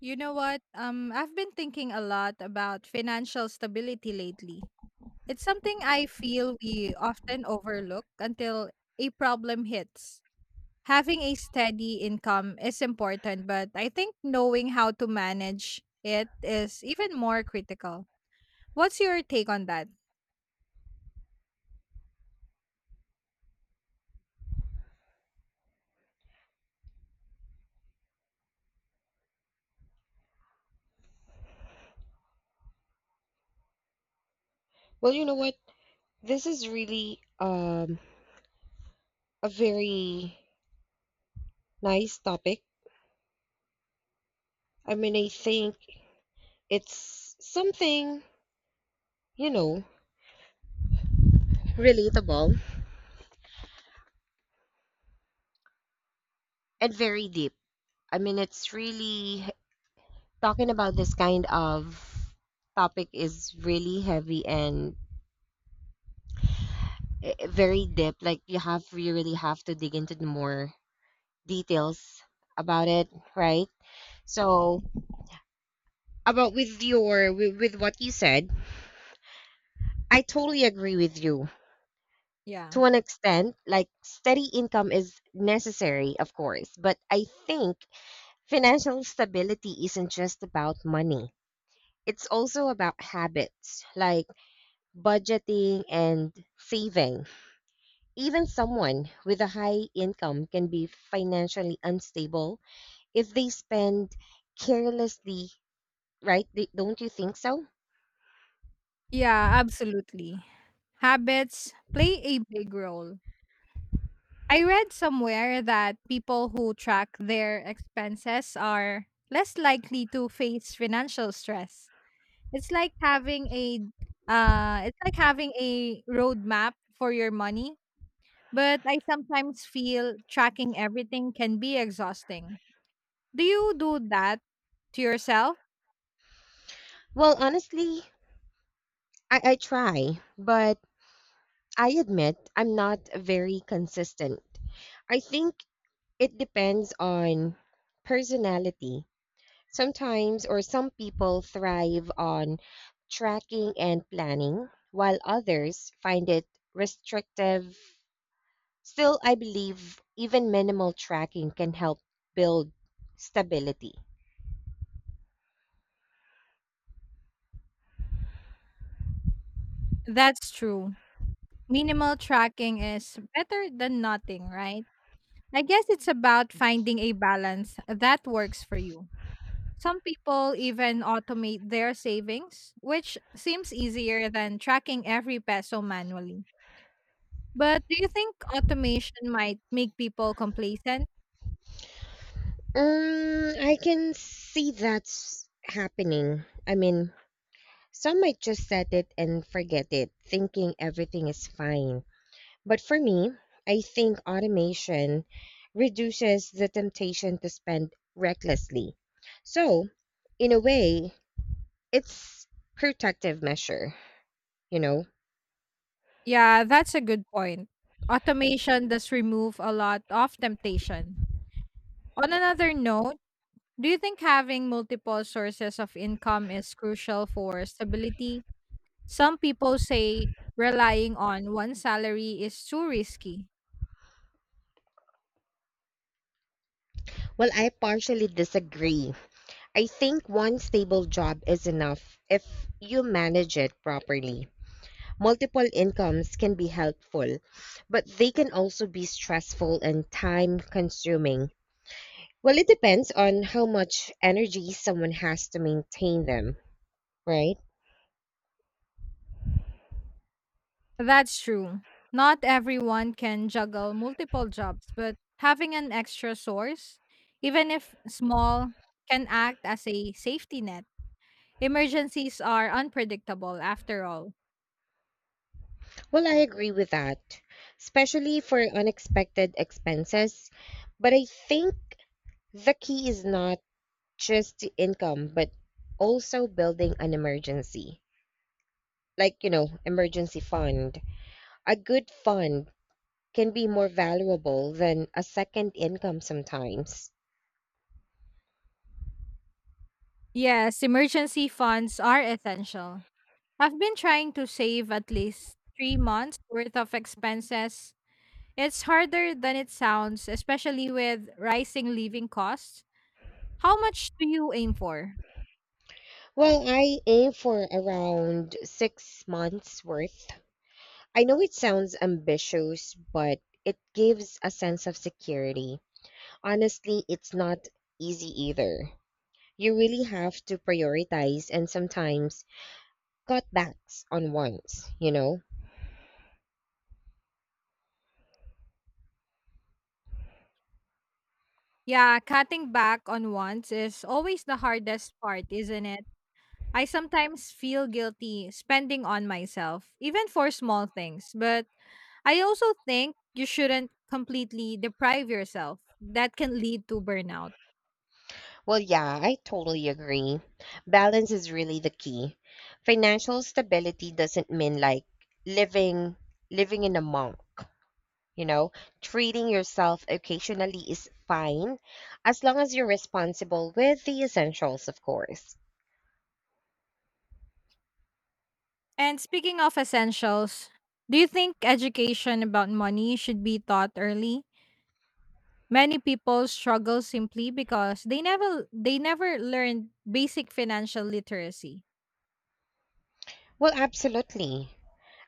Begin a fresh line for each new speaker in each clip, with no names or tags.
You know what? I've been thinking a lot about financial stability lately. It's something I feel we often overlook until a problem hits. Having a steady income is important, but I think knowing how to manage it is even more critical. What's your take on that?
Well, you know what? This is really a very nice topic. I mean, I think it's something, you know, relatable and very deep. I mean, it's really talking about this kind of topic is really heavy and very deep. Like, you really have to dig into the more details about it, right? So, about with your, with what you said, I totally agree with you,
Yeah.
to an extent, like steady income is necessary, of course, but I think financial stability isn't just about money. It's also about habits like budgeting and saving. Even someone with a high income can be financially unstable if they spend carelessly, right? Don't you think so?
Yeah, absolutely. Habits play a big role. I read somewhere that people who track their expenses are less likely to face financial stress. It's like having a roadmap for your money, but I sometimes feel tracking everything can be exhausting. Do you do that to yourself?
Well, honestly, I try, but I admit I'm not very consistent. I think it depends on personality. Or some people thrive on tracking and planning, while others find it restrictive. Still, I believe even minimal tracking can help build stability.
That's true. Minimal tracking is better than nothing, right? I guess it's about finding a balance that works for you. Some people even automate their savings, which seems easier than tracking every peso manually. But do you think automation might make people complacent?
I can see that's happening. I mean, some might just set it and forget it, thinking everything is fine. But for me, I think automation reduces the temptation to spend recklessly. So, in a way, it's protective measure, you know.
Yeah, that's a good point. Automation does remove a lot of temptation. On another note, do you think having multiple sources of income is crucial for stability? Some people say relying on one salary is too risky.
Well, I partially disagree. I think one stable job is enough if you manage it properly. Multiple incomes can be helpful, but they can also be stressful and time consuming. Well, it depends on how much energy someone has to maintain them. Right.
That's true. Not everyone can juggle multiple jobs, but having an extra source, even if small, can act as a safety net. Emergencies are unpredictable after all.
Well, I agree with that, especially for unexpected expenses. But I think the key is not just the income, but also building an emergency, like, emergency fund. A good fund can be more valuable than a second income sometimes.
Yes, emergency funds are essential. I've been trying to save at least 3 months worth of expenses. It's harder than it sounds, especially with rising living costs. How much do you aim for?
Well, I aim for around 6 months worth. I know it sounds ambitious, but it gives a sense of security. Honestly, it's not easy either. You really have to prioritize and sometimes cut backs on ones, you know?
Yeah, cutting back on wants is always the hardest part, isn't it? I sometimes feel guilty spending on myself, even for small things, but I also think you shouldn't completely deprive yourself. That can lead to burnout.
Well, yeah, I totally agree. Balance is really the key. Financial stability doesn't mean like living living in a monk, you know? Treating yourself occasionally is fine as long as you're responsible with the essentials, of course.
And speaking of essentials, do you think education about money should be taught early? Many people struggle simply because they never learned basic financial literacy.
Well, absolutely.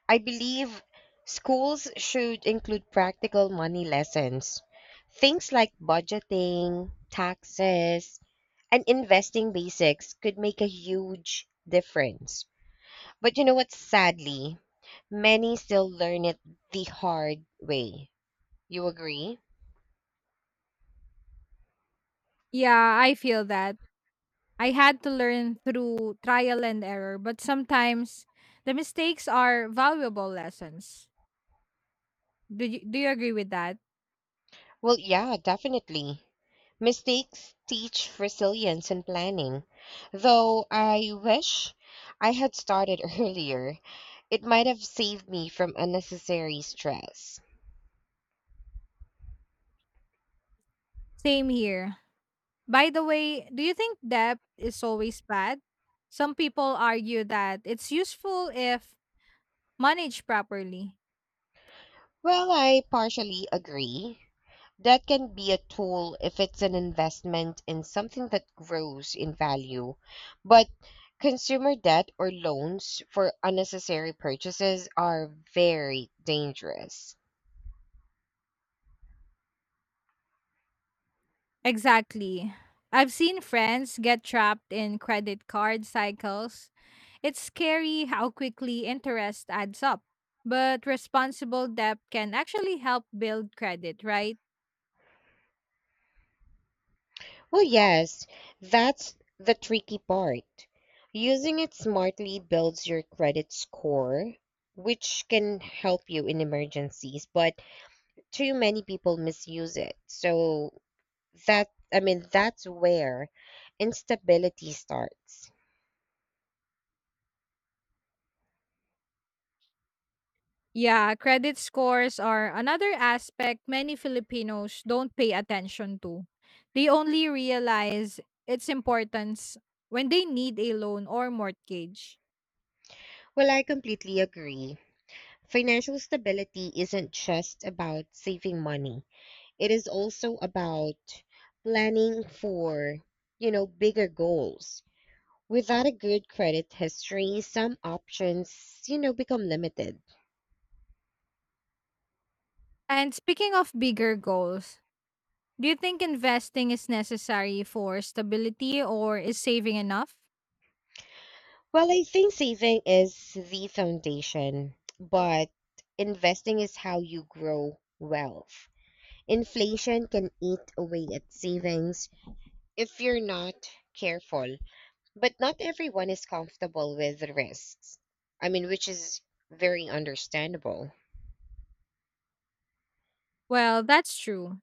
I believe schools should include practical money lessons. Things like budgeting, taxes, and investing basics could make a huge difference. But you know what? Sadly, many still learn it the hard way. You agree?
Yeah, I feel that. I had to learn through trial and error, but sometimes the mistakes are valuable lessons. Do you agree with that?
Well, yeah, definitely. Mistakes teach resilience and planning. Though I wish I had started earlier, it might have saved me from unnecessary stress.
Same here. By the way, do you think debt is always bad? Some people argue that it's useful if managed properly.
Well, I partially agree. That can be a tool if it's an investment in something that grows in value. But consumer debt or loans for unnecessary purchases are very dangerous.
Exactly. I've seen friends get trapped in credit card cycles. It's scary how quickly interest adds up. But responsible debt can actually help build credit, right?
Oh, yes, that's the tricky part. Using it smartly builds your credit score, which can help you in emergencies, but too many people misuse it. So I mean, that's where instability starts.
Yeah, credit scores are another aspect many Filipinos don't pay attention to. They only realize its importance when they need a loan or mortgage.
Well, I completely agree. Financial stability isn't just about saving money. It is also about planning for, bigger goals. Without a good credit history, some options, become limited.
And speaking of bigger goals, do you think investing is necessary for stability or is saving enough?
Well, I think saving is the foundation, but investing is how you grow wealth. Inflation can eat away at savings if you're not careful, but not everyone is comfortable with risks. I mean, which is very understandable.
Well, that's true.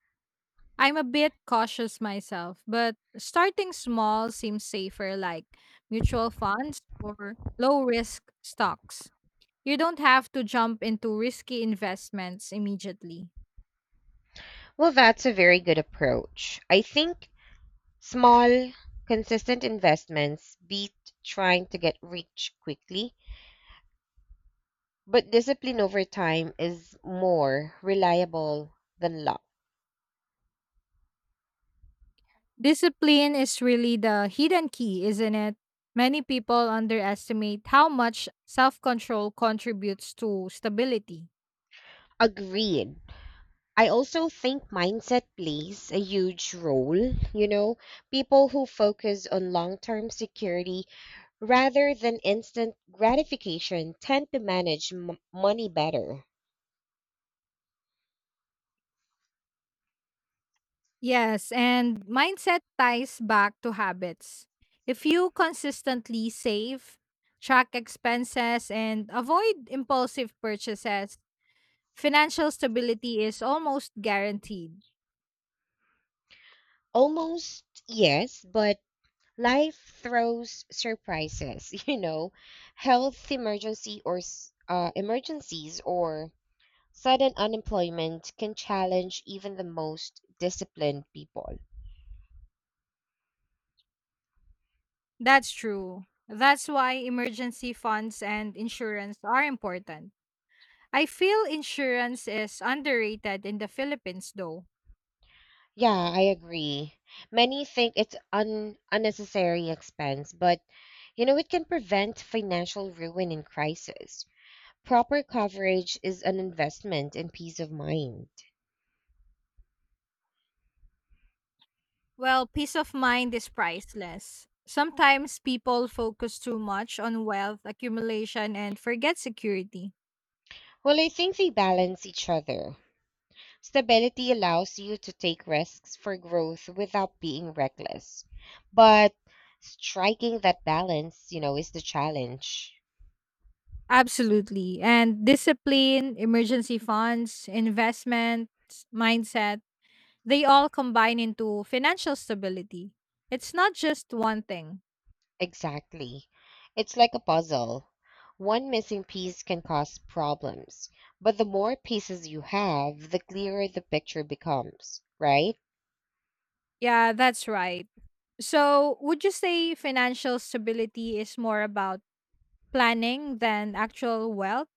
I'm a bit cautious myself, but starting small seems safer, like mutual funds or low risk stocks. You don't have to jump into risky investments immediately.
Well, that's a very good approach. I think small, consistent investments beat trying to get rich quickly, but discipline over time is more reliable than luck.
Discipline is really the hidden key, isn't it? Many people underestimate how much self control contributes to stability.
Agreed. I also think mindset plays a huge role. You know, people who focus on long term security rather than instant gratification tend to manage money better.
Yes, and mindset ties back to habits. If you consistently save, track expenses, and avoid impulsive purchases, financial stability is almost guaranteed.
Almost yes, but life throws surprises, health emergency or emergencies or sudden unemployment can challenge even the most disciplined people.
That's true. That's why emergency funds and insurance are important. I feel insurance is underrated in the Philippines, though.
Yeah, I agree. Many think it's un unnecessary expense, but it can prevent financial ruin in crisis. Proper coverage is an investment in peace of mind.
Well, peace of mind is priceless. Sometimes people focus too much on wealth accumulation and forget security.
Well, I think they balance each other. Stability allows you to take risks for growth without being reckless. But striking that balance, is the challenge.
Absolutely. And discipline, emergency funds, investments, mindset, they all combine into financial stability. It's not just one thing.
Exactly. It's like a puzzle. One missing piece can cause problems, but the more pieces you have, the clearer the picture becomes, right?
Yeah, that's right. So, would you say financial stability is more about planning than actual wealth?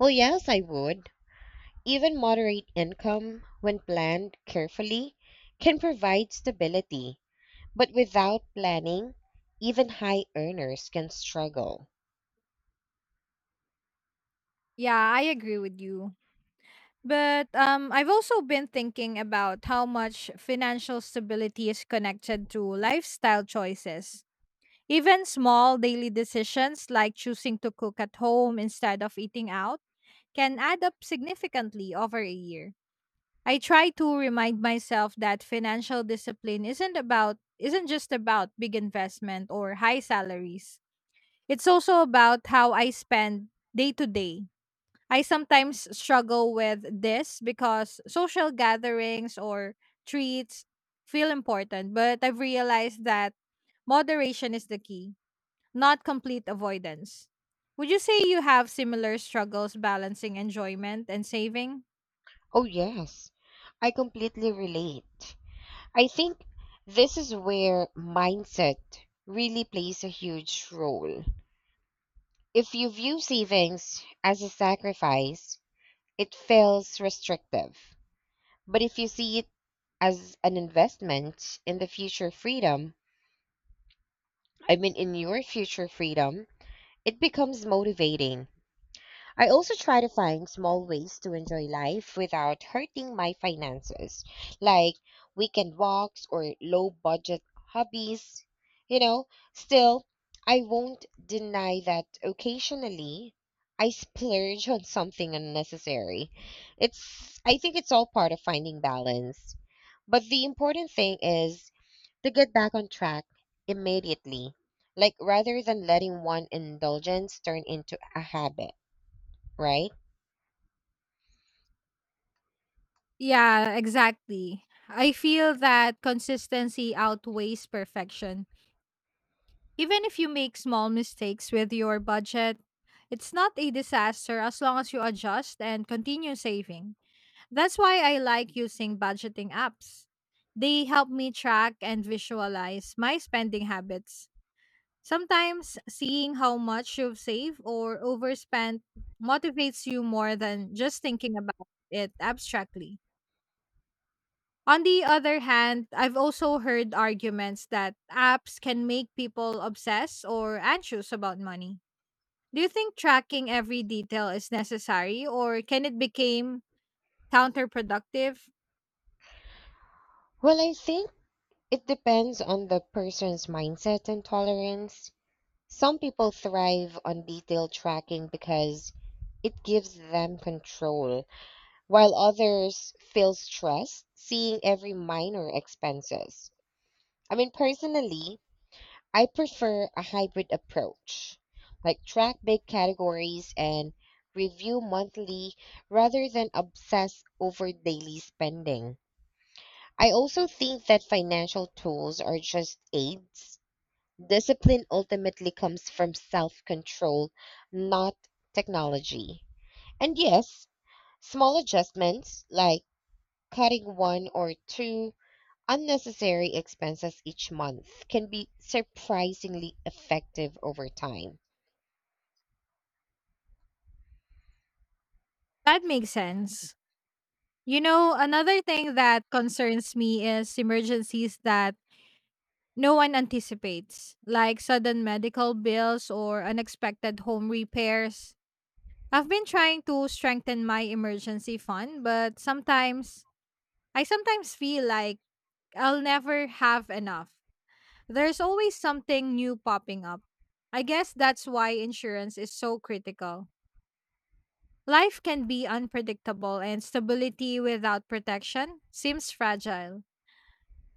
Well, yes, I would. Even moderate income, when planned carefully, can provide stability. But without planning, even high earners can struggle.
Yeah, I agree with you. But I've also been thinking about how much financial stability is connected to lifestyle choices. Even small daily decisions like choosing to cook at home instead of eating out can add up significantly over a year. I try to remind myself that financial discipline isn't just about big investment or high salaries. It's also about how I spend day to day. I sometimes struggle with this because social gatherings or treats feel important, but I've realized that moderation is the key, not complete avoidance. Would you say you have similar struggles balancing enjoyment and saving?
Oh, yes, I completely relate. I think this is where mindset really plays a huge role. If you view savings as a sacrifice, it feels restrictive. But if you see it as an investment in the future freedom, I mean, in your future freedom, it becomes motivating. I also try to find small ways to enjoy life without hurting my finances, like weekend walks or low budget hobbies. You know, still, I won't deny that occasionally I splurge on something unnecessary. I think it's all part of finding balance. But the important thing is to get back on track immediately, like rather than letting one indulgence turn into a habit, right?
Yeah, exactly. I feel that consistency outweighs perfection. Even if you make small mistakes with your budget, it's not a disaster as long as you adjust and continue saving. That's why I like using budgeting apps. They help me track and visualize my spending habits. Sometimes seeing how much you've saved or overspent motivates you more than just thinking about it abstractly. On the other hand, I've also heard arguments that apps can make people obsessed or anxious about money. Do you think tracking every detail is necessary or can it become counterproductive?
Well, I think it depends on the person's mindset and tolerance. Some people thrive on detailed tracking because it gives them control, while others feel stressed seeing every minor expenses. I mean, personally, I prefer a hybrid approach, like track big categories and review monthly rather than obsess over daily spending. I also think that financial tools are just aids. Discipline ultimately comes from self control, not technology. And yes, small adjustments like cutting one or two unnecessary expenses each month can be surprisingly effective over time.
That makes sense. You know, another thing that concerns me is emergencies that no one anticipates, like sudden medical bills or unexpected home repairs. I've been trying to strengthen my emergency fund, but sometimes I sometimes feel like I'll never have enough. There's always something new popping up. I guess that's why insurance is so critical. Life can be unpredictable, and stability without protection seems fragile.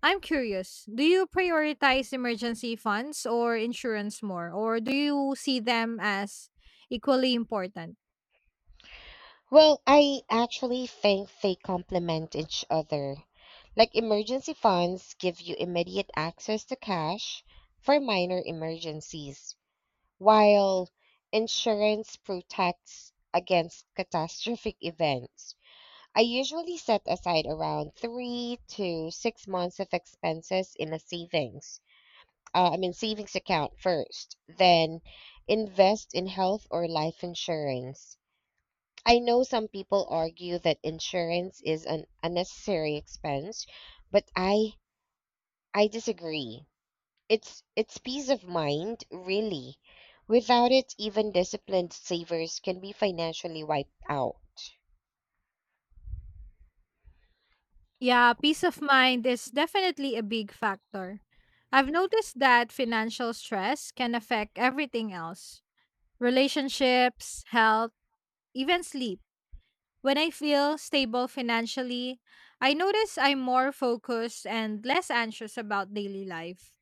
I'm curious, do you prioritize emergency funds or insurance more, or do you see them as equally important?
Well, I actually think they complement each other. Like emergency funds give you immediate access to cash for minor emergencies, while insurance protects against catastrophic events. I usually set aside around 3 to 6 months of expenses in a savings account first, then invest in health or life insurance. I know some people argue that insurance is an unnecessary expense, but I disagree. It's peace of mind, really. Without it, even disciplined savers can be financially wiped out.
Yeah, peace of mind is definitely a big factor. I've noticed that financial stress can affect everything else: relationships, health, even sleep. When I feel stable financially, I notice I'm more focused and less anxious about daily life.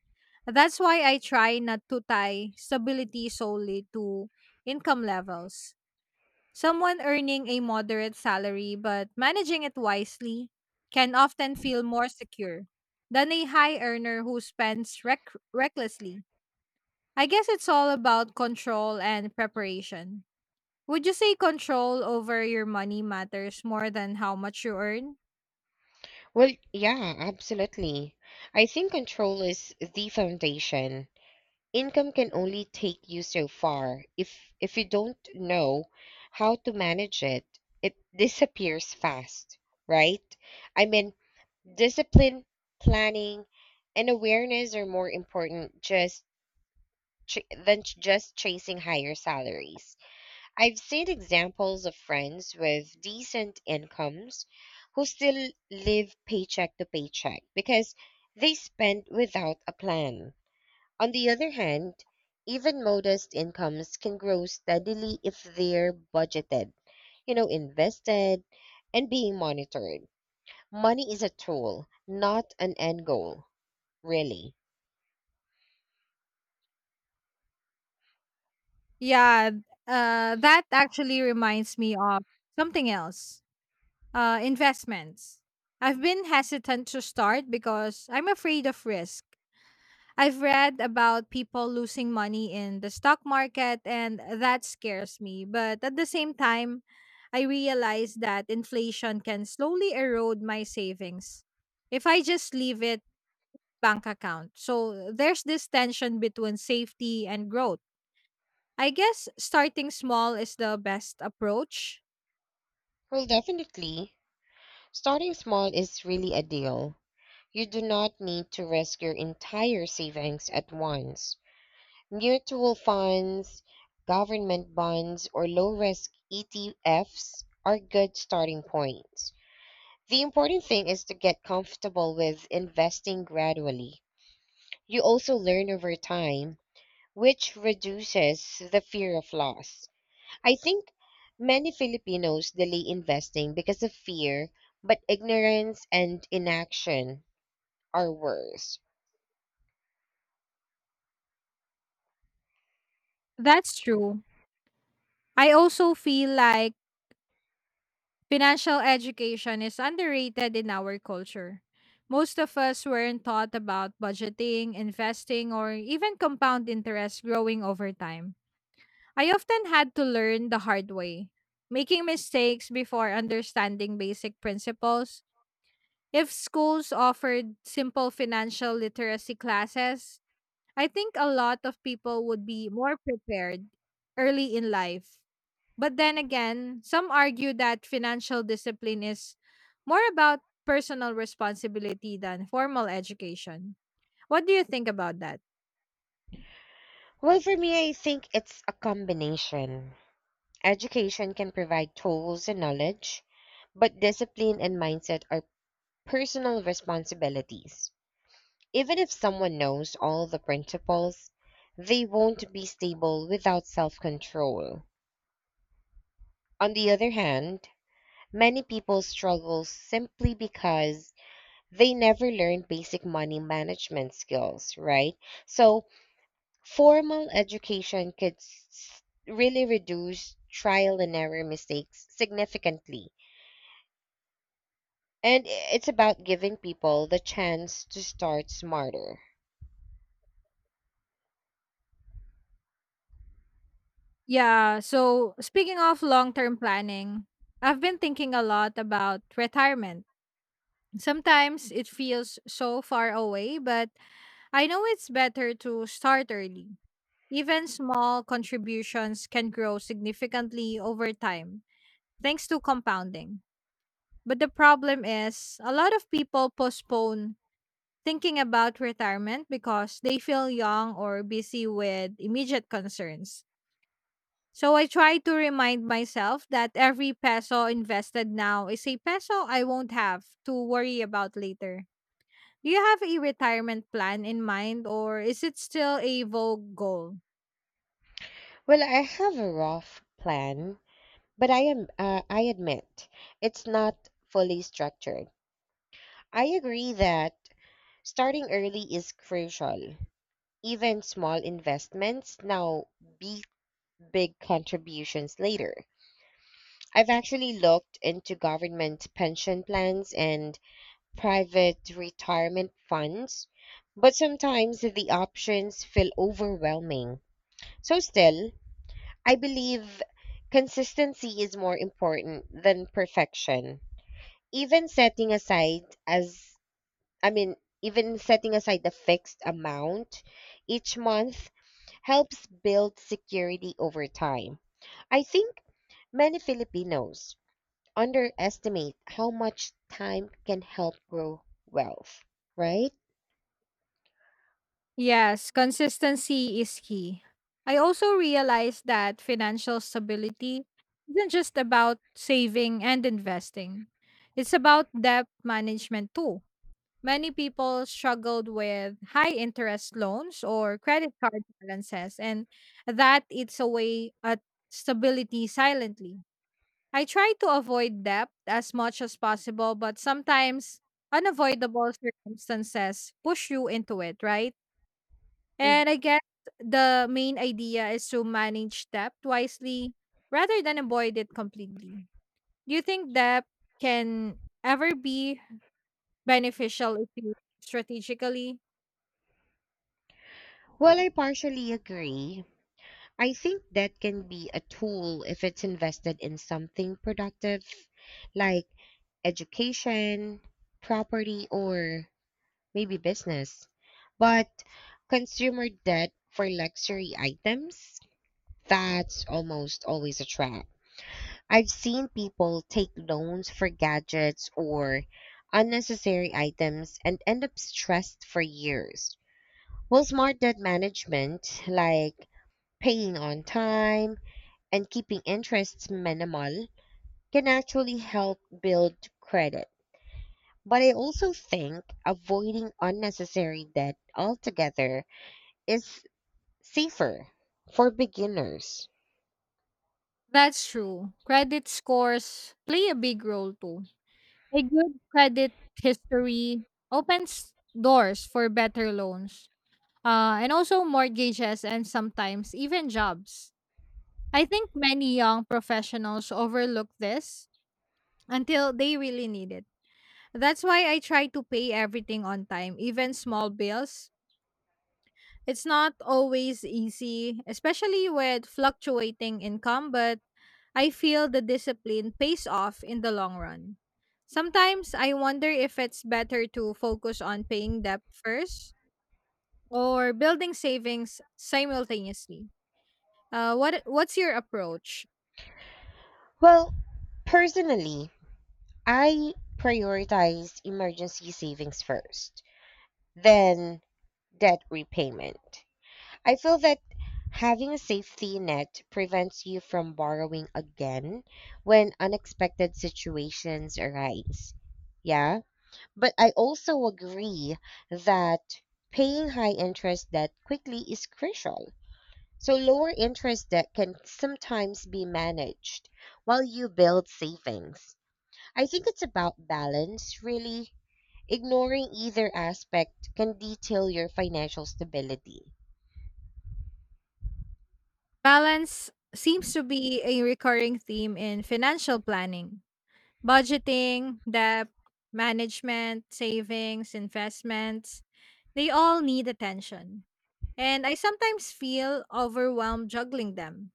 That's why I try not to tie stability solely to income levels. Someone earning a moderate salary but managing it wisely can often feel more secure than a high earner who spends recklessly. I guess it's all about control and preparation. Would you say control over your money matters more than how much you earn?
Well, yeah, absolutely. I think control is the foundation. Income can only take you so far. If you don't know how to manage it, it disappears fast, right? I mean, discipline, planning, and awareness are more important ch- than just chasing higher salaries. I've seen examples of friends with decent incomes who still live paycheck to paycheck because they spend without a plan. On the other hand, even modest incomes can grow steadily if they're budgeted, invested, and being monitored. Money is a tool, not an end goal, really.
Yeah, that actually reminds me of something else, investments. I've been hesitant to start because I'm afraid of risk. I've read about people losing money in the stock market, and that scares me. But at the same time, I realize that inflation can slowly erode my savings if I just leave it bank account. So there's this tension between safety and growth. I guess starting small is the best approach.
Well, definitely, starting small is really a deal. You do not need to risk your entire savings at once. Mutual funds, government bonds, or low risk ETFs are good starting points. The important thing is to get comfortable with investing gradually. You also learn over time, which reduces the fear of loss. I think many Filipinos delay investing because of fear, but ignorance and inaction are worse.
That's true. I also feel like financial education is underrated in our culture. Most of us weren't taught about budgeting, investing, or even compound interest growing over time. I often had to learn the hard way, making mistakes before understanding basic principles. If schools offered simple financial literacy classes, I think a lot of people would be more prepared early in life. But then again, some argue that financial discipline is more about personal responsibility than formal education. What do you think about that?
Well, for me, I think it's a combination. Education can provide tools and knowledge, but discipline and mindset are personal responsibilities. Even if someone knows all the principles, they won't be stable without self control. On the other hand, many people struggle simply because they never learned basic money management skills, right? So, formal education could really reduce trial and error mistakes significantly. And it's about giving people the chance to start smarter.
Yeah, so speaking of long term planning, I've been thinking a lot about retirement. Sometimes it feels so far away, but I know it's better to start early. Even small contributions can grow significantly over time thanks to compounding. But the problem is, a lot of people postpone thinking about retirement because they feel young or busy with immediate concerns. So I try to remind myself that every peso invested now is a peso I won't have to worry about later. Do you have a retirement plan in mind or is it still a vague goal?
Well, I have a rough plan, but I admit it's not fully structured. I agree that starting early is crucial. Even small investments now beat big contributions later. I've actually looked into government pension plans and private retirement funds, but sometimes the options feel overwhelming. So, still, I believe consistency is more important than perfection. Even setting aside as I mean, even setting aside a fixed amount each month helps build security over time. I think many Filipinos underestimate how much time can help grow wealth, right?
Yes, consistency is key. I also realized that financial stability isn't just about saving and investing, it's about debt management too. Many people struggled with high interest loans or credit card balances, and that eats away at stability silently. I try to avoid debt as much as possible, but sometimes unavoidable circumstances push you into it, right?
Mm.
And I guess the main idea is to manage debt wisely rather than avoid it completely. Do you think debt can ever be beneficial if you strategically?
Well, I partially agree. I think that can be a tool if it's invested in something productive, like education, property, or maybe business. But consumer debt for luxury items, that's almost always a trap. I've seen people take loans for gadgets or unnecessary items and end up stressed for years. Well, smart debt management, like paying on time and keeping interests minimal, can actually help build credit. But I also think avoiding unnecessary debt altogether is safer for beginners.
That's true. Credit scores play a big role too. A good credit history opens doors for better loans, and also mortgages and sometimes even jobs. I think many young professionals overlook this until they really need it. That's why I try to pay everything on time, even small bills. It's not always easy, especially with fluctuating income, but I feel the discipline pays off in the long run. Sometimes I wonder if it's better to focus on paying debt first or building savings simultaneously. What's your approach?
Well, personally, I prioritized emergency savings first, then debt repayment. I feel that having a safety net prevents you from borrowing again when unexpected situations arise. Yeah. But I also agree that paying high interest debt quickly is crucial. So lower interest debt can sometimes be managed while you build savings. I think it's about balance, really. Ignoring either aspect can detail your financial stability.
Balance seems to be a recurring theme in financial planning. Budgeting, debt, management, savings, investments, they all need attention. And I sometimes feel overwhelmed juggling them.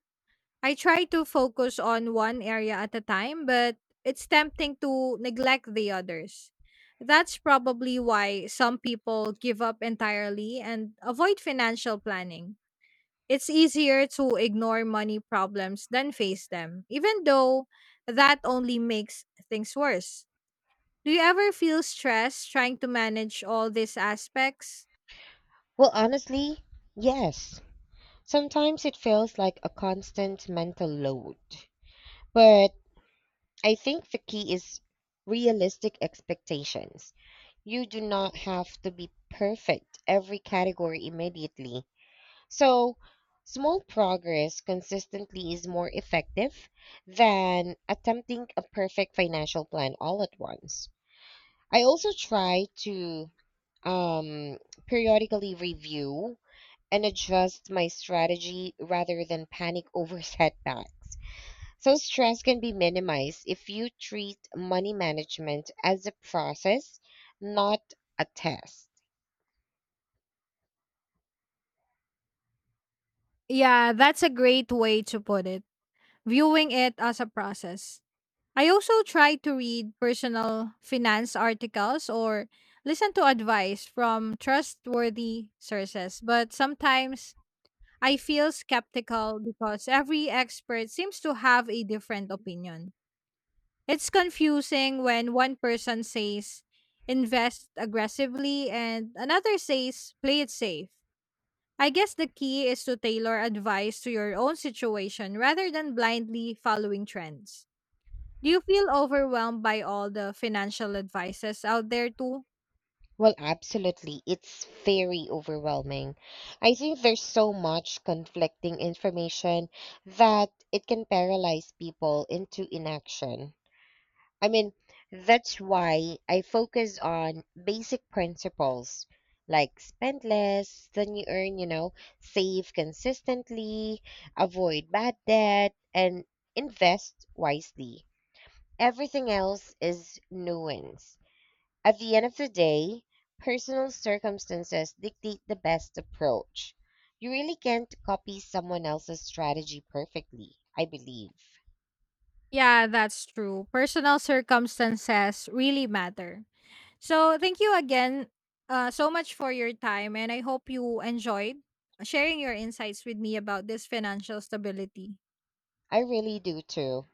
I try to focus on one area at a time, but it's tempting to neglect the others. That's probably why some people give up entirely and avoid financial planning. It's easier to ignore money problems than face them, even though that only makes things worse. Do you ever feel stressed trying to manage all these aspects?
Well, honestly, yes. Sometimes it feels like a constant mental load. But I think the key is realistic expectations. You do not have to be perfect every category immediately. So, small progress consistently is more effective than attempting a perfect financial plan all at once. I also try to um, periodically review and adjust my strategy rather than panic over setbacks. So, stress can be minimized if you treat money management as a process, not a test.
Yeah, that's a great way to put it, viewing it as a process. I also try to read personal finance articles or listen to advice from trustworthy sources, but sometimes I feel skeptical because every expert seems to have a different opinion. It's confusing when one person says invest aggressively and another says play it safe. I guess the key is to tailor advice to your own situation rather than blindly following trends. Do you feel overwhelmed by all the financial advices out there too?
Well, absolutely. It's very overwhelming. I think there's so much conflicting information that it can paralyze people into inaction. I mean, that's why I focus on basic principles like spend less than you earn, save consistently, avoid bad debt, and invest wisely. Everything else is nuance. At the end of the day, personal circumstances dictate the best approach. You really can't copy someone else's strategy perfectly, I believe.
Yeah, that's true. Personal circumstances really matter. So thank you again, so much for your time, and I hope you enjoyed sharing your insights with me about this financial stability.
I really do too.